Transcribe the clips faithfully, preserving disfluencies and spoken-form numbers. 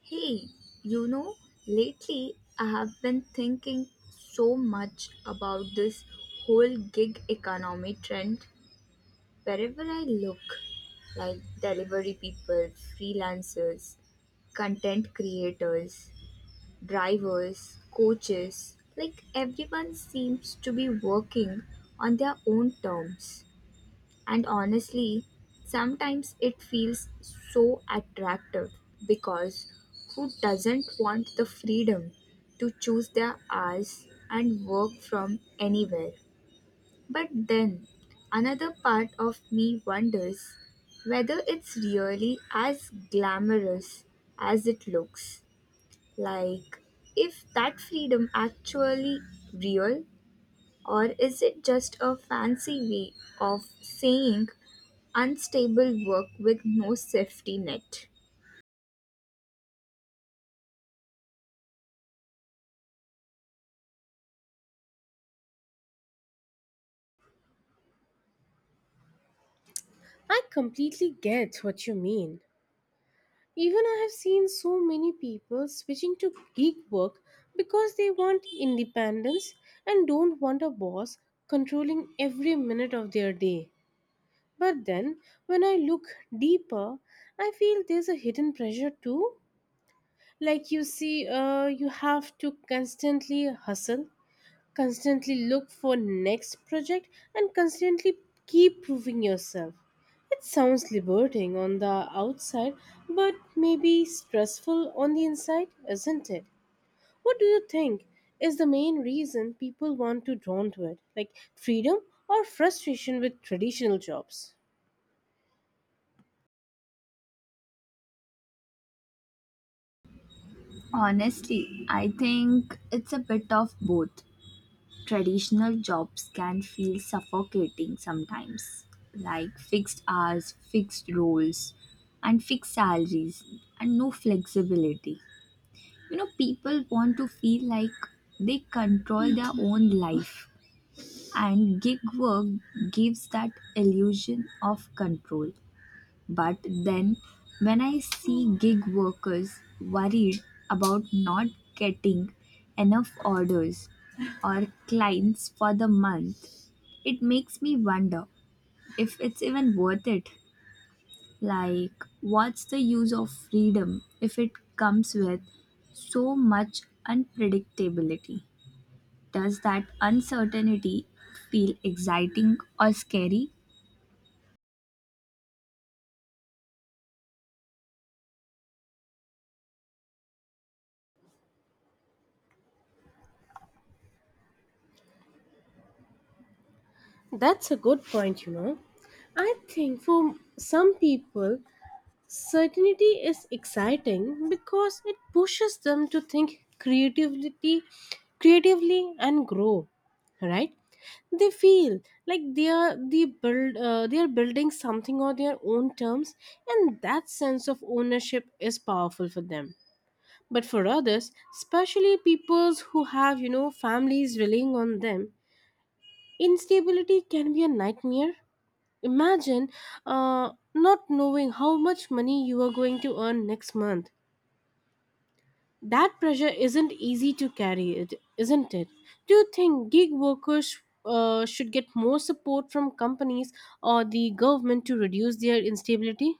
Hey, you know, lately I have been thinking so much about this whole gig economy trend. Wherever I look, like delivery people, freelancers, content creators, drivers, coaches, like everyone seems to be working on their own terms. And honestly, sometimes it feels so attractive because who doesn't want the freedom to choose their hours and work from anywhere? But then another part of me wonders whether it's really as glamorous as it looks. Like, if that freedom actually real or is it just a fancy way of saying unstable work with no safety net. I completely get what you mean. Even I have seen so many people switching to gig work because they want independence and don't want a boss controlling every minute of their day. But then, when I look deeper, I feel there's a hidden pressure too. Like you see, uh, you have to constantly hustle, constantly look for next project, and constantly keep proving yourself. It sounds liberating on the outside, but maybe stressful on the inside, isn't it? What do you think is the main reason people want to drawn to it, like freedom or frustration with traditional jobs? Honestly, I think it's a bit of both. Traditional jobs can feel suffocating sometimes, like fixed hours, fixed roles, and fixed salaries, and no flexibility. You know, people want to feel like they control their own life, and gig work gives that illusion of control. But then when I see gig workers worried about not getting enough orders or clients for the month, it makes me wonder if it's even worth it. Like, what's the use of freedom if it comes with so much unpredictability? Does that uncertainty feel exciting or scary? That's a good point. You know i think for some people certainty is exciting because it pushes them to think creativity, creatively and grow, right? They feel like they are they build uh, they are building something on their own terms, and that sense of ownership is powerful for them. But for others, especially peoples who have, you know families relying on them, instability can be a nightmare. Imagine uh, not knowing how much money you are going to earn next month. That pressure isn't easy to carry, it isn't it? Do you think gig workers uh, should get more support from companies or the government to reduce their instability?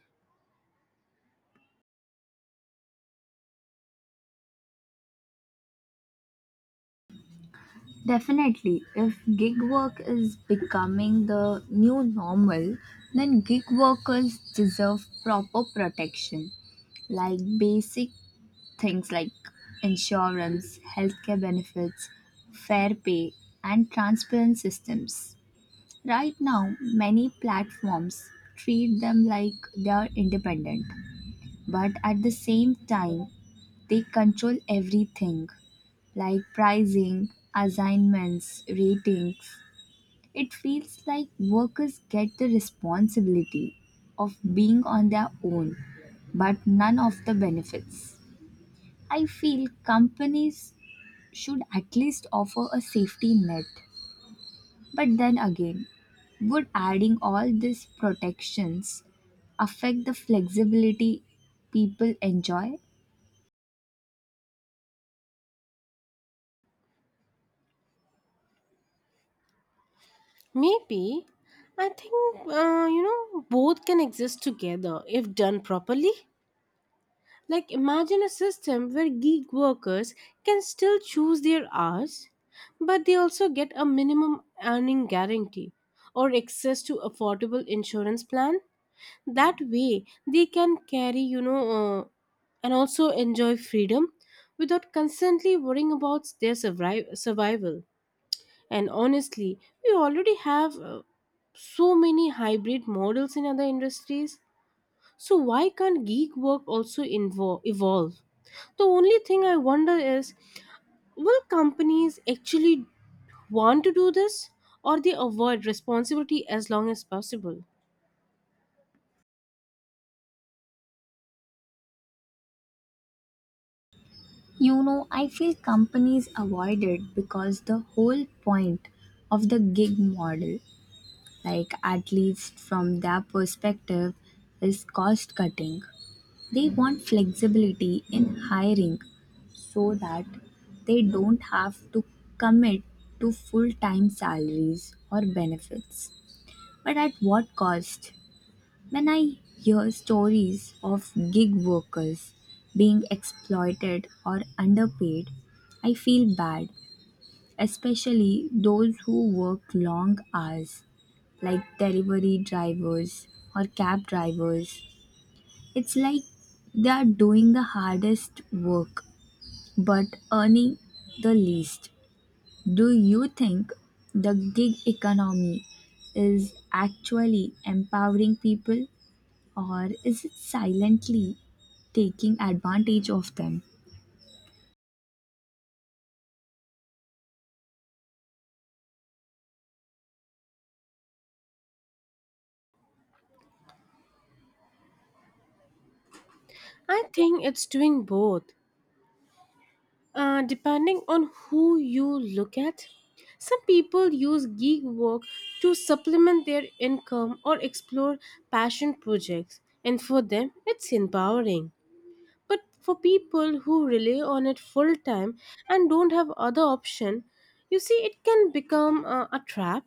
Definitely. If gig work is becoming the new normal, then gig workers deserve proper protection, like basic things like insurance, healthcare benefits, fair pay, and transparent systems. Right now, many platforms treat them like they are independent, but at the same time, they control everything like pricing, assignments, ratings. It feels like workers get the responsibility of being on their own, but none of the benefits. I feel companies should at least offer a safety net. But then again, would adding all these protections affect the flexibility people enjoy? Maybe. I think, uh, you know both can exist together if done properly. Like, imagine a system where gig workers can still choose their hours, but they also get a minimum earning guarantee or access to affordable insurance plan. That way, they can carry, you know, uh, and also enjoy freedom without constantly worrying about their survi- survival. And honestly, we already have, uh, so many hybrid models in other industries. So why can't gig work also invo- evolve? The only thing I wonder is, will companies actually want to do this, or they avoid responsibility as long as possible? You know, I feel companies avoid it because the whole point of the gig model, like at least from their perspective, is cost cutting. They want flexibility in hiring so that they don't have to commit to full time salaries or benefits. But at what cost? When I hear stories of gig workers being exploited or underpaid, I feel bad, especially those who work long hours like delivery drivers or cab drivers. It's like they are doing the hardest work but earning the least. Do you think the gig economy is actually empowering people or is it silently taking advantage of them? I think it's doing both, uh, depending on who you look at. Some people use gig work to supplement their income or explore passion projects, and for them, it's empowering. But for people who rely on it full time and don't have other option, you see, it can become uh, a trap,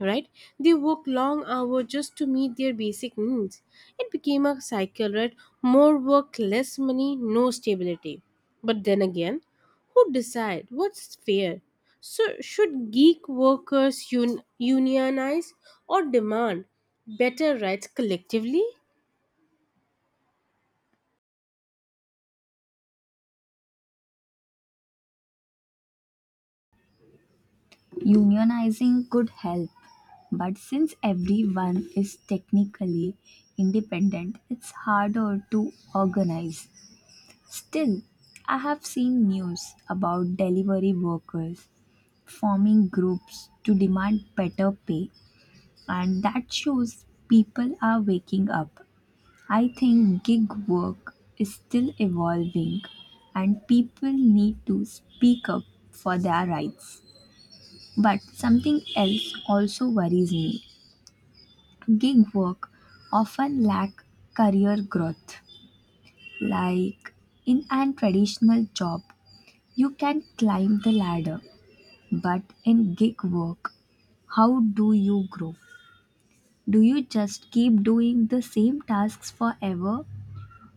right? They work long hours just to meet their basic needs. It became a cycle, right? More work, less money, no stability. But then again, who decide what's fair? So should geek workers un- unionize or demand better rights collectively? Unionizing could help, but since everyone is technically independent, it's harder to organize. Still, I have seen news about delivery workers forming groups to demand better pay, and that shows people are waking up. I think gig work is still evolving, and people need to speak up for their rights. But something else also worries me. Gig work often lack career growth, like in an traditional job you can climb the ladder, but in gig work, how do you grow? Do you just keep doing the same tasks forever,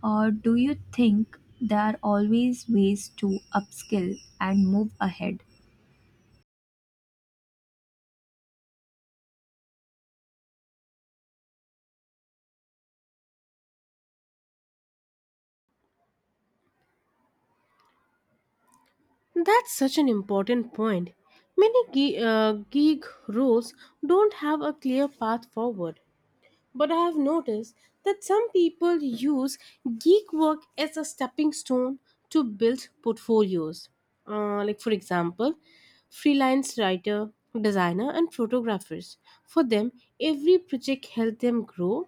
or do you think there are always ways to upskill and move ahead? That's such an important point. Many gi- uh, gig roles don't have a clear path forward, but I have noticed that some people use gig work as a stepping stone to build portfolios. Uh, like, for example, freelance writer, designer, and photographers. For them, every project helped them grow,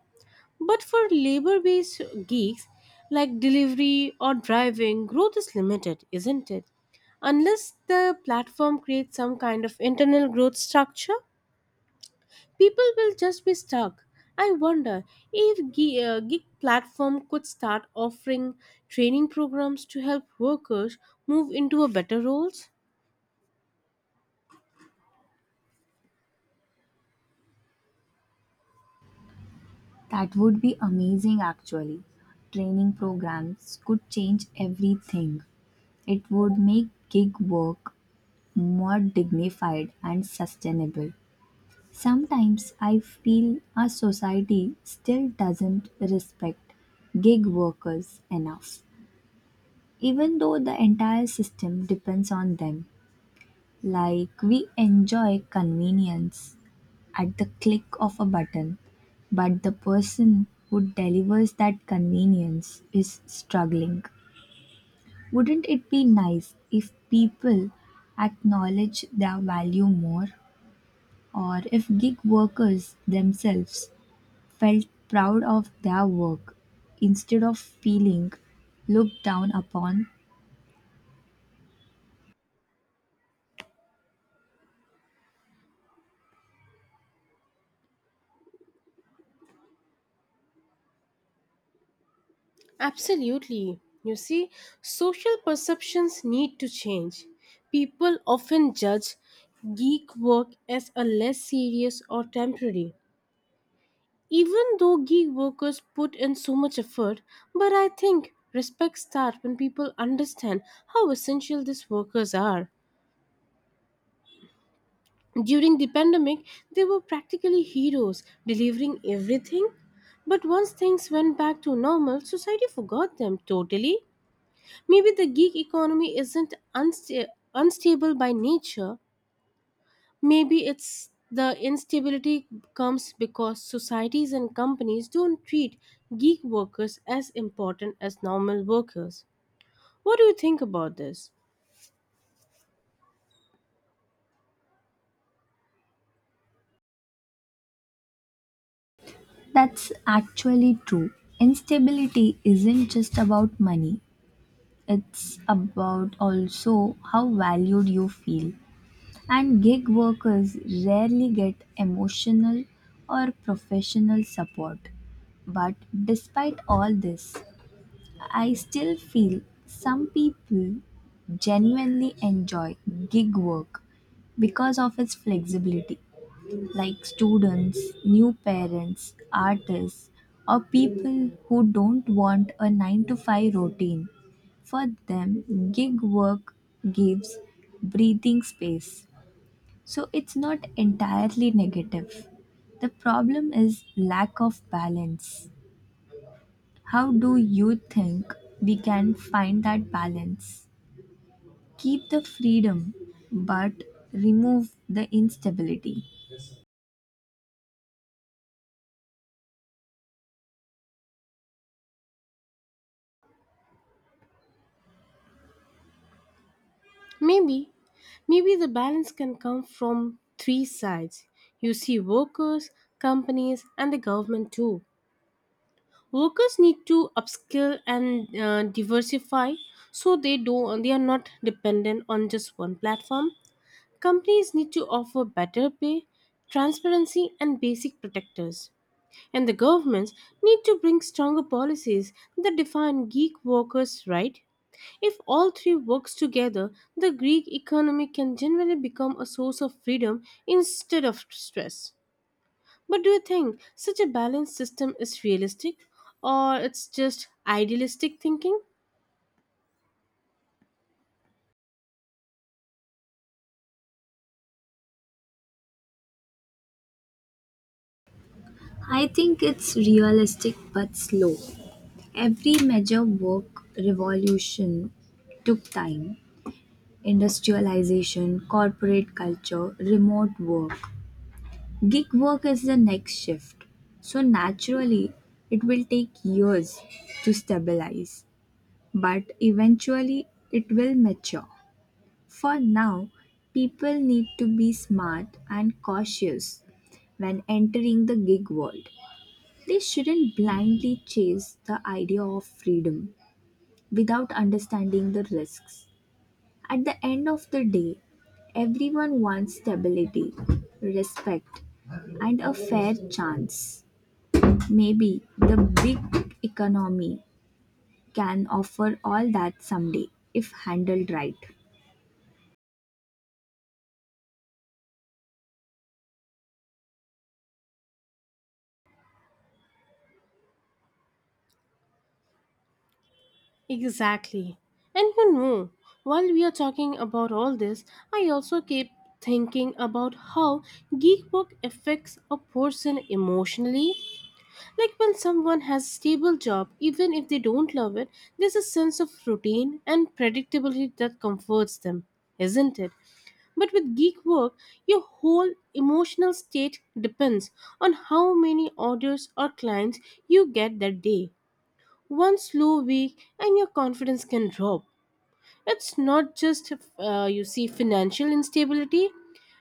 but for labor based gigs like delivery or driving, growth is limited, isn't it? Unless the platform creates some kind of internal growth structure, people will just be stuck. I wonder if gi- uh, gig platform could start offering training programs to help workers move into a better roles. That would be amazing actually. Training programs could change everything. It would make gig work more dignified and sustainable. Sometimes I feel our society still doesn't respect gig workers enough, even though the entire system depends on them. Like we enjoy convenience at the click of a button, but the person who delivers that convenience is struggling. Wouldn't it be nice if people acknowledge their value more, or if gig workers themselves felt proud of their work instead of feeling looked down upon. Absolutely. You see, social perceptions need to change. People often judge gig work as a less serious or temporary. Even though gig workers put in so much effort, but I think respect starts when people understand how essential these workers are. During the pandemic, they were practically heroes, delivering everything. But once things went back to normal, society forgot them totally. Maybe the gig economy isn't unsta- unstable by nature. Maybe it's the instability comes because societies and companies don't treat gig workers as important as normal workers. What do you think about this? That's actually true. Instability isn't just about money, it's about also how valued you feel. And gig workers rarely get emotional or professional support. But despite all this, I still feel some people genuinely enjoy gig work because of its flexibility, like students, new parents, artists, or people who don't want a nine to five routine. For them, gig work gives breathing space. So it's not entirely negative. The problem is lack of balance. How do you think we can find that balance? Keep the freedom, but remove the instability. Maybe Maybe the balance can come from three sides. You see workers, companies, and the government too. Workers need to upskill and uh, diversify so they do they are not dependent on just one platform. Companies need to offer better pay, transparency and basic protectors. And the governments need to bring stronger policies that define geek workers' right. If all three works together, the Greek economy can generally become a source of freedom instead of stress. But do you think such a balanced system is realistic or it's just idealistic thinking? I think it's realistic but slow. Every major work revolution took time. Industrialization, corporate culture, remote work. Gig work is the next shift. So naturally, it will take years to stabilize, but eventually, it will mature. For now, people need to be smart and cautious when entering the gig world. They shouldn't blindly chase the idea of freedom without understanding the risks. At the end of the day, everyone wants stability, respect, and a fair chance. Maybe the big economy can offer all that someday if handled right. Exactly. And you know, while we are talking about all this, I also keep thinking about how geek work affects a person emotionally. Like when someone has a stable job, even if they don't love it, there's a sense of routine and predictability that comforts them, isn't it? But with gig work, your whole emotional state depends on how many orders or clients you get that day. One slow week and your confidence can drop. It's not just uh, you see financial instability,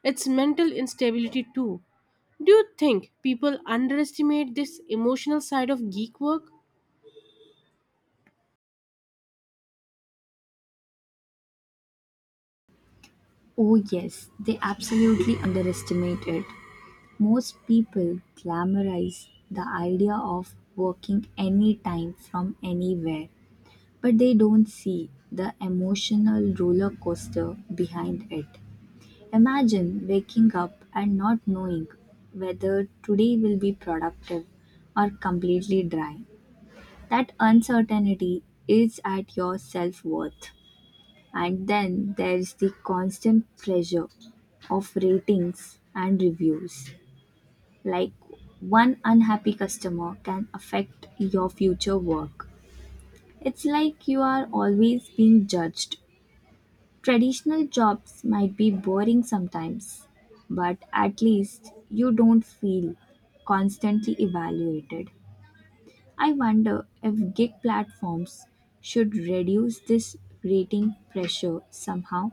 it's mental instability too. Do you think people underestimate this emotional side of geek work? Oh, yes, they absolutely underestimate it. Most people glamorize the idea of working anytime from anywhere, but they don't see the emotional roller coaster behind it. Imagine waking up and not knowing whether today will be productive or completely dry. That uncertainty is at your self worth. And then there's the constant pressure of ratings and reviews. Like one unhappy customer can affect your future work. It's like you are always being judged. Traditional jobs might be boring sometimes, but at least you don't feel constantly evaluated. I wonder if gig platforms should reduce this rating pressure somehow.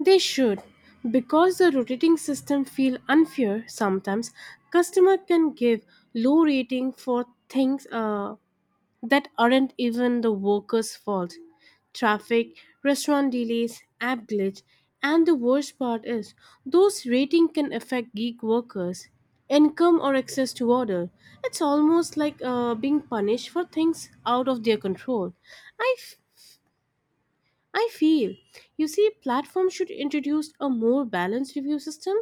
They should. Because the rotating system feel unfair sometimes, customer can give low rating for things uh, that aren't even the worker's fault. Traffic, restaurant delays, app glitch, and the worst part is those rating can affect gig workers, income or access to order. It's almost like uh, being punished for things out of their control. I I feel, you see, platforms should introduce a more balanced review system,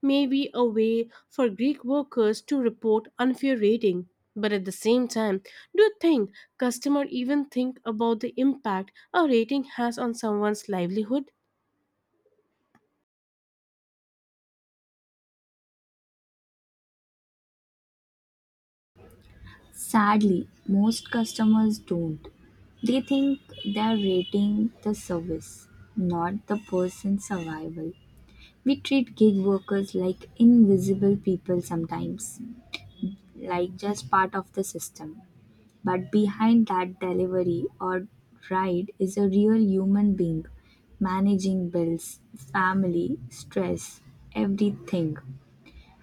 maybe a way for Greek workers to report unfair rating. But at the same time, do you think customer even think about the impact a rating has on someone's livelihood? Sadly, most customers don't. They think they're rating the service, not the person's survival. We treat gig workers like invisible people sometimes, like just part of the system. But behind that delivery or ride is a real human being managing bills, family, stress, everything.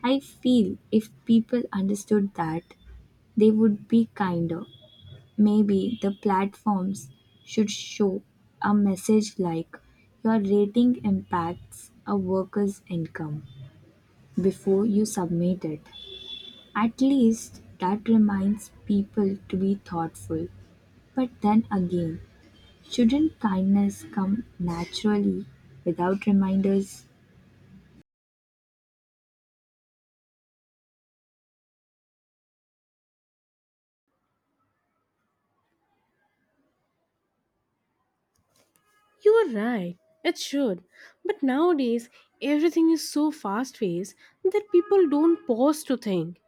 I feel if people understood that, they would be kinder. Maybe the platforms should show a message like your rating impacts a worker's income before you submit it. At least that reminds people to be thoughtful. But then again, shouldn't kindness come naturally without reminders? You are right, it should. But nowadays, everything is so fast paced that people don't pause to think.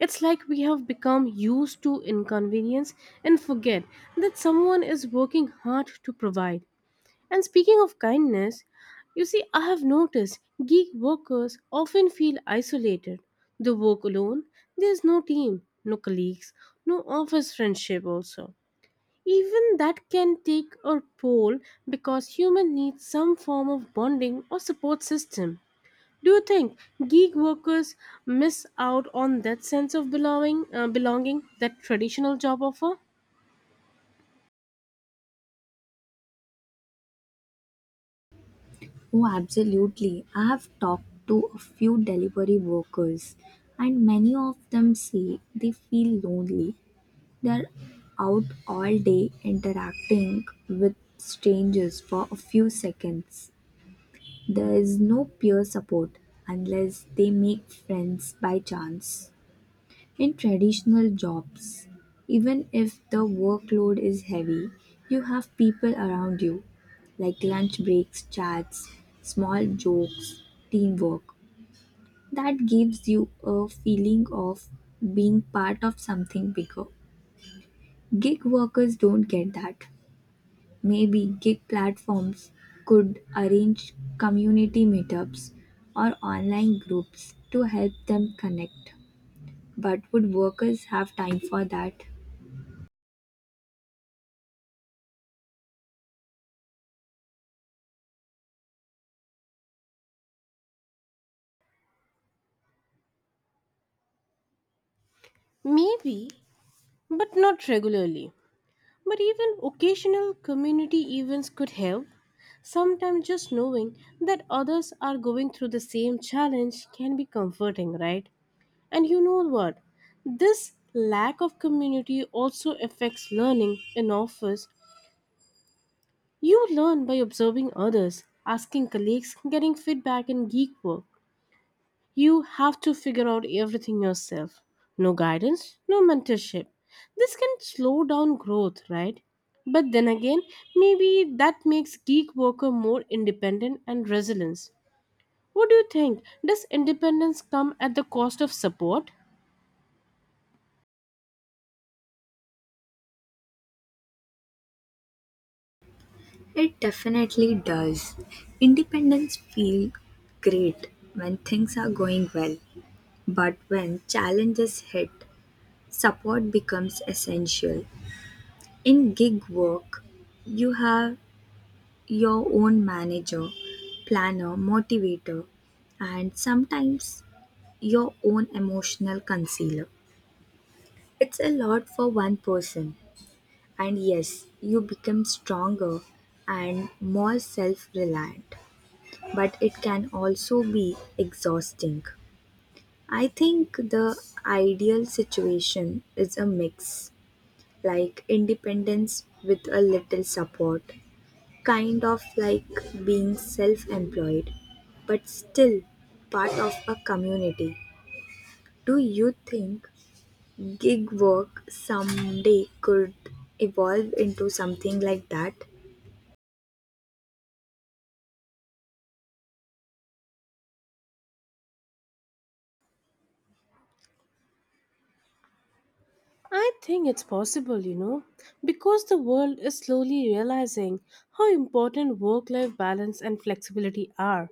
It's like we have become used to inconvenience and forget that someone is working hard to provide. And speaking of kindness, you see, I have noticed gig workers often feel isolated. They work alone, there's no team, no colleagues, no office friendship, also. Even that can take or toll because human needs some form of bonding or support system. Do you think gig workers miss out on that sense of belonging, uh, belonging that traditional job offer? Oh, absolutely. I have talked to a few delivery workers, and many of them say they feel lonely. They're out all day interacting with strangers for a few seconds. There is no peer support unless they make friends by chance. In traditional jobs, even if the workload is heavy, you have people around you, like lunch breaks, chats, small jokes, teamwork. That gives you a feeling of being part of something bigger. Gig workers don't get that. Maybe gig platforms could arrange community meetups or online groups to help them connect. But would workers have time for that? Maybe, but not regularly. But even occasional community events could help. Sometimes just knowing that others are going through the same challenge can be comforting, right? And you know what? This lack of community also affects learning in office. You learn by observing others, asking colleagues, getting feedback in geek work. You have to figure out everything yourself. No guidance, no mentorship. This can slow down growth, right? But then again, maybe that makes geek worker more independent and resilient. What do you think? Does independence come at the cost of support? It definitely does. Independence feel great when things are going well, but when challenges hit, support becomes essential. In gig work, you have your own manager, planner, motivator, and sometimes your own emotional concealer. It's a lot for one person, and yes, you become stronger and more self reliant, but it can also be exhausting. I think the ideal situation is a mix, like independence with a little support. Kind of like being self employed, but still part of a community. Do you think gig work someday could evolve into something like that? I think it's possible, you know, because the world is slowly realizing how important work life balance and flexibility are.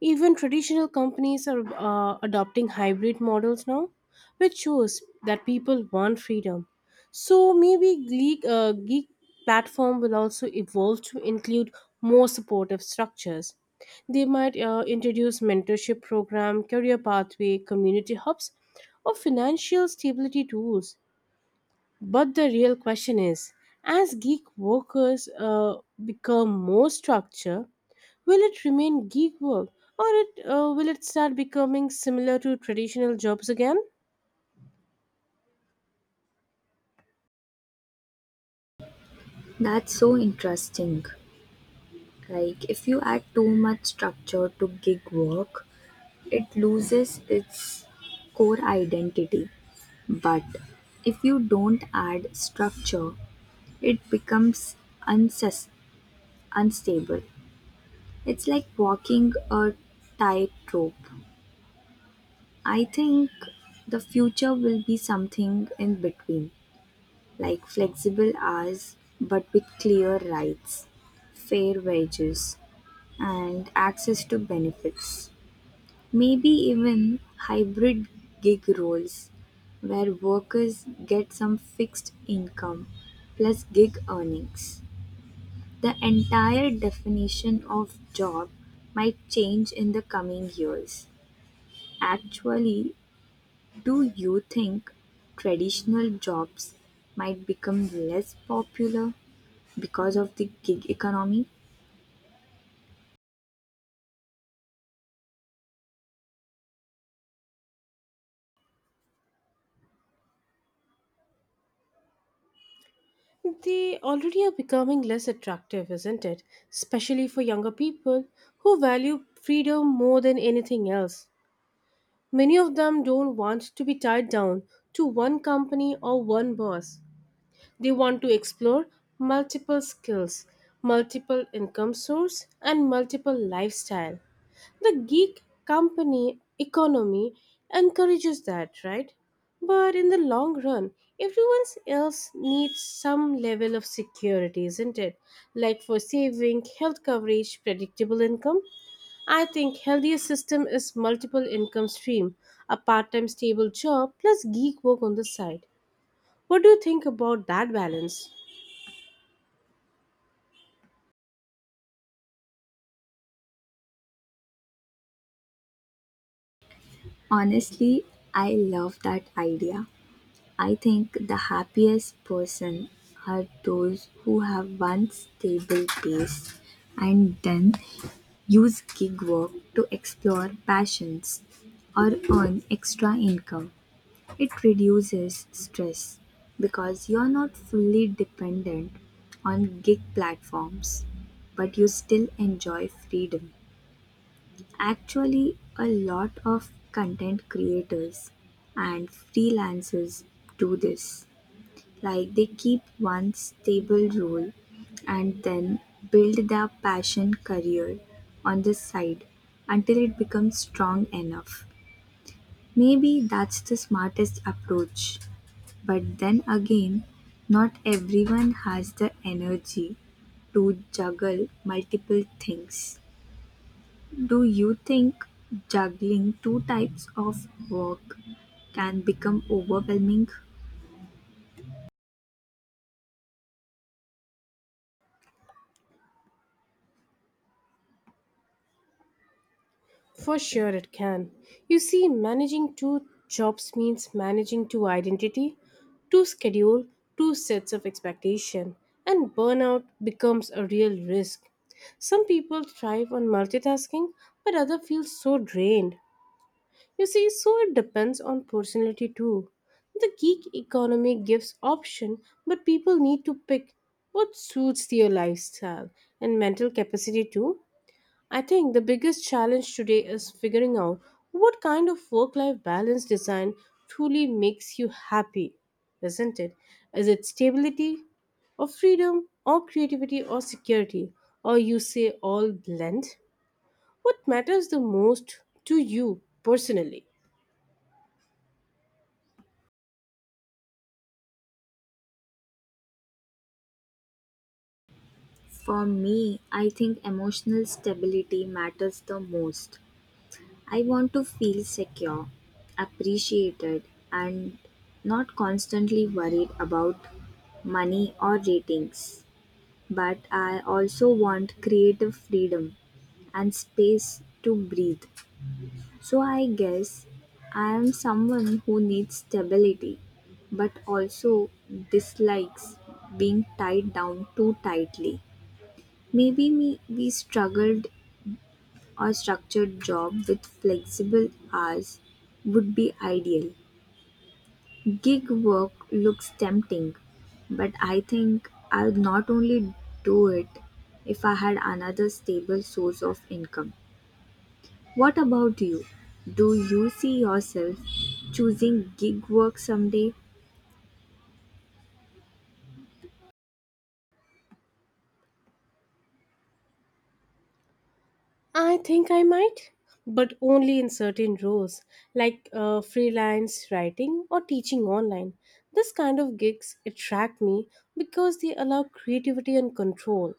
Even traditional companies are uh, adopting hybrid models now, which shows that people want freedom. So maybe Geek, uh, Geek platform will also evolve to include more supportive structures. They might uh, introduce mentorship program, career pathway, community hubs, or financial stability tools, but the real question is, as gig workers, uh, become more structured, will it remain gig work or it, uh, will it start becoming similar to traditional jobs again? That's so interesting. Like, if you add too much structure to gig work, it loses its core identity. But if you don't add structure, it becomes unsus- unstable. It's like walking a tightrope. I think the future will be something in between, like flexible hours but with clear rights, fair wages, and access to benefits. Maybe even hybrid gig roles where workers get some fixed income plus gig earnings. The entire definition of job might change in the coming years. Actually, do you think traditional jobs might become less popular because of the gig economy? They already are becoming less attractive, isn't it? Especially for younger people who value freedom more than anything else. Many of them don't want to be tied down to one company or one boss. They want to explore multiple skills, multiple income source, and multiple lifestyle. The geek company economy encourages that, right? But in the long run, everyone else needs some level of security, isn't it? Like for saving, health coverage, predictable income. I think healthier system is multiple income stream, a part-time stable job plus geek work on the side. What do you think about that balance? Honestly, I love that idea. I think the happiest person are those who have one stable base and then use gig work to explore passions or earn extra income. It reduces stress because you're not fully dependent on gig platforms, but you still enjoy freedom. Actually, a lot of content creators and freelancers do this. Like they keep one stable role and then build their passion career on the side until it becomes strong enough. Maybe that's the smartest approach. But then again, not everyone has the energy to juggle multiple things. Do you think juggling two types of work can become overwhelming? For sure, it can. You see, managing two jobs means managing two identity, two schedule, two sets of expectation, and burnout becomes a real risk. Some people thrive on multitasking, but others feel so drained. You see, so it depends on personality too. The gig economy gives option, but people need to pick what suits their lifestyle and mental capacity too. I think the biggest challenge today is figuring out what kind of work life balance design truly makes you happy, isn't it? Is it stability or freedom or creativity or security or you say all blend? What matters the most to you personally? For me, I think emotional stability matters the most. I want to feel secure, appreciated, and not constantly worried about money or ratings. But I also want creative freedom and space to breathe. So I guess I am someone who needs stability but also dislikes being tied down too tightly. Maybe me, we struggled or structured job with flexible hours would be ideal. Gig work looks tempting, but I think I'd not only do it if I had another stable source of income. What about you? Do you see yourself choosing gig work someday I think I might, but only in certain roles like uh, freelance writing or teaching online. This kind of gigs attract me because they allow creativity and control.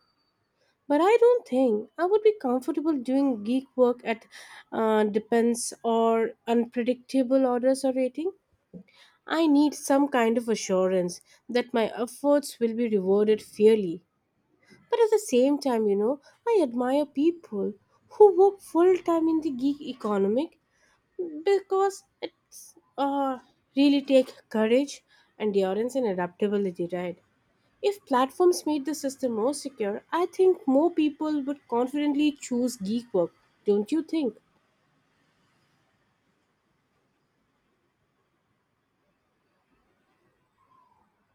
But I don't think I would be comfortable doing geek work at uh, depends or unpredictable orders or rating. I need some kind of assurance that my efforts will be rewarded fairly. But at the same time, you know, I admire people who work full time in the gig economic because it's uh, really take courage, endurance, and adaptability, right? If platforms made the system more secure, I think more people would confidently choose gig work, don't you think?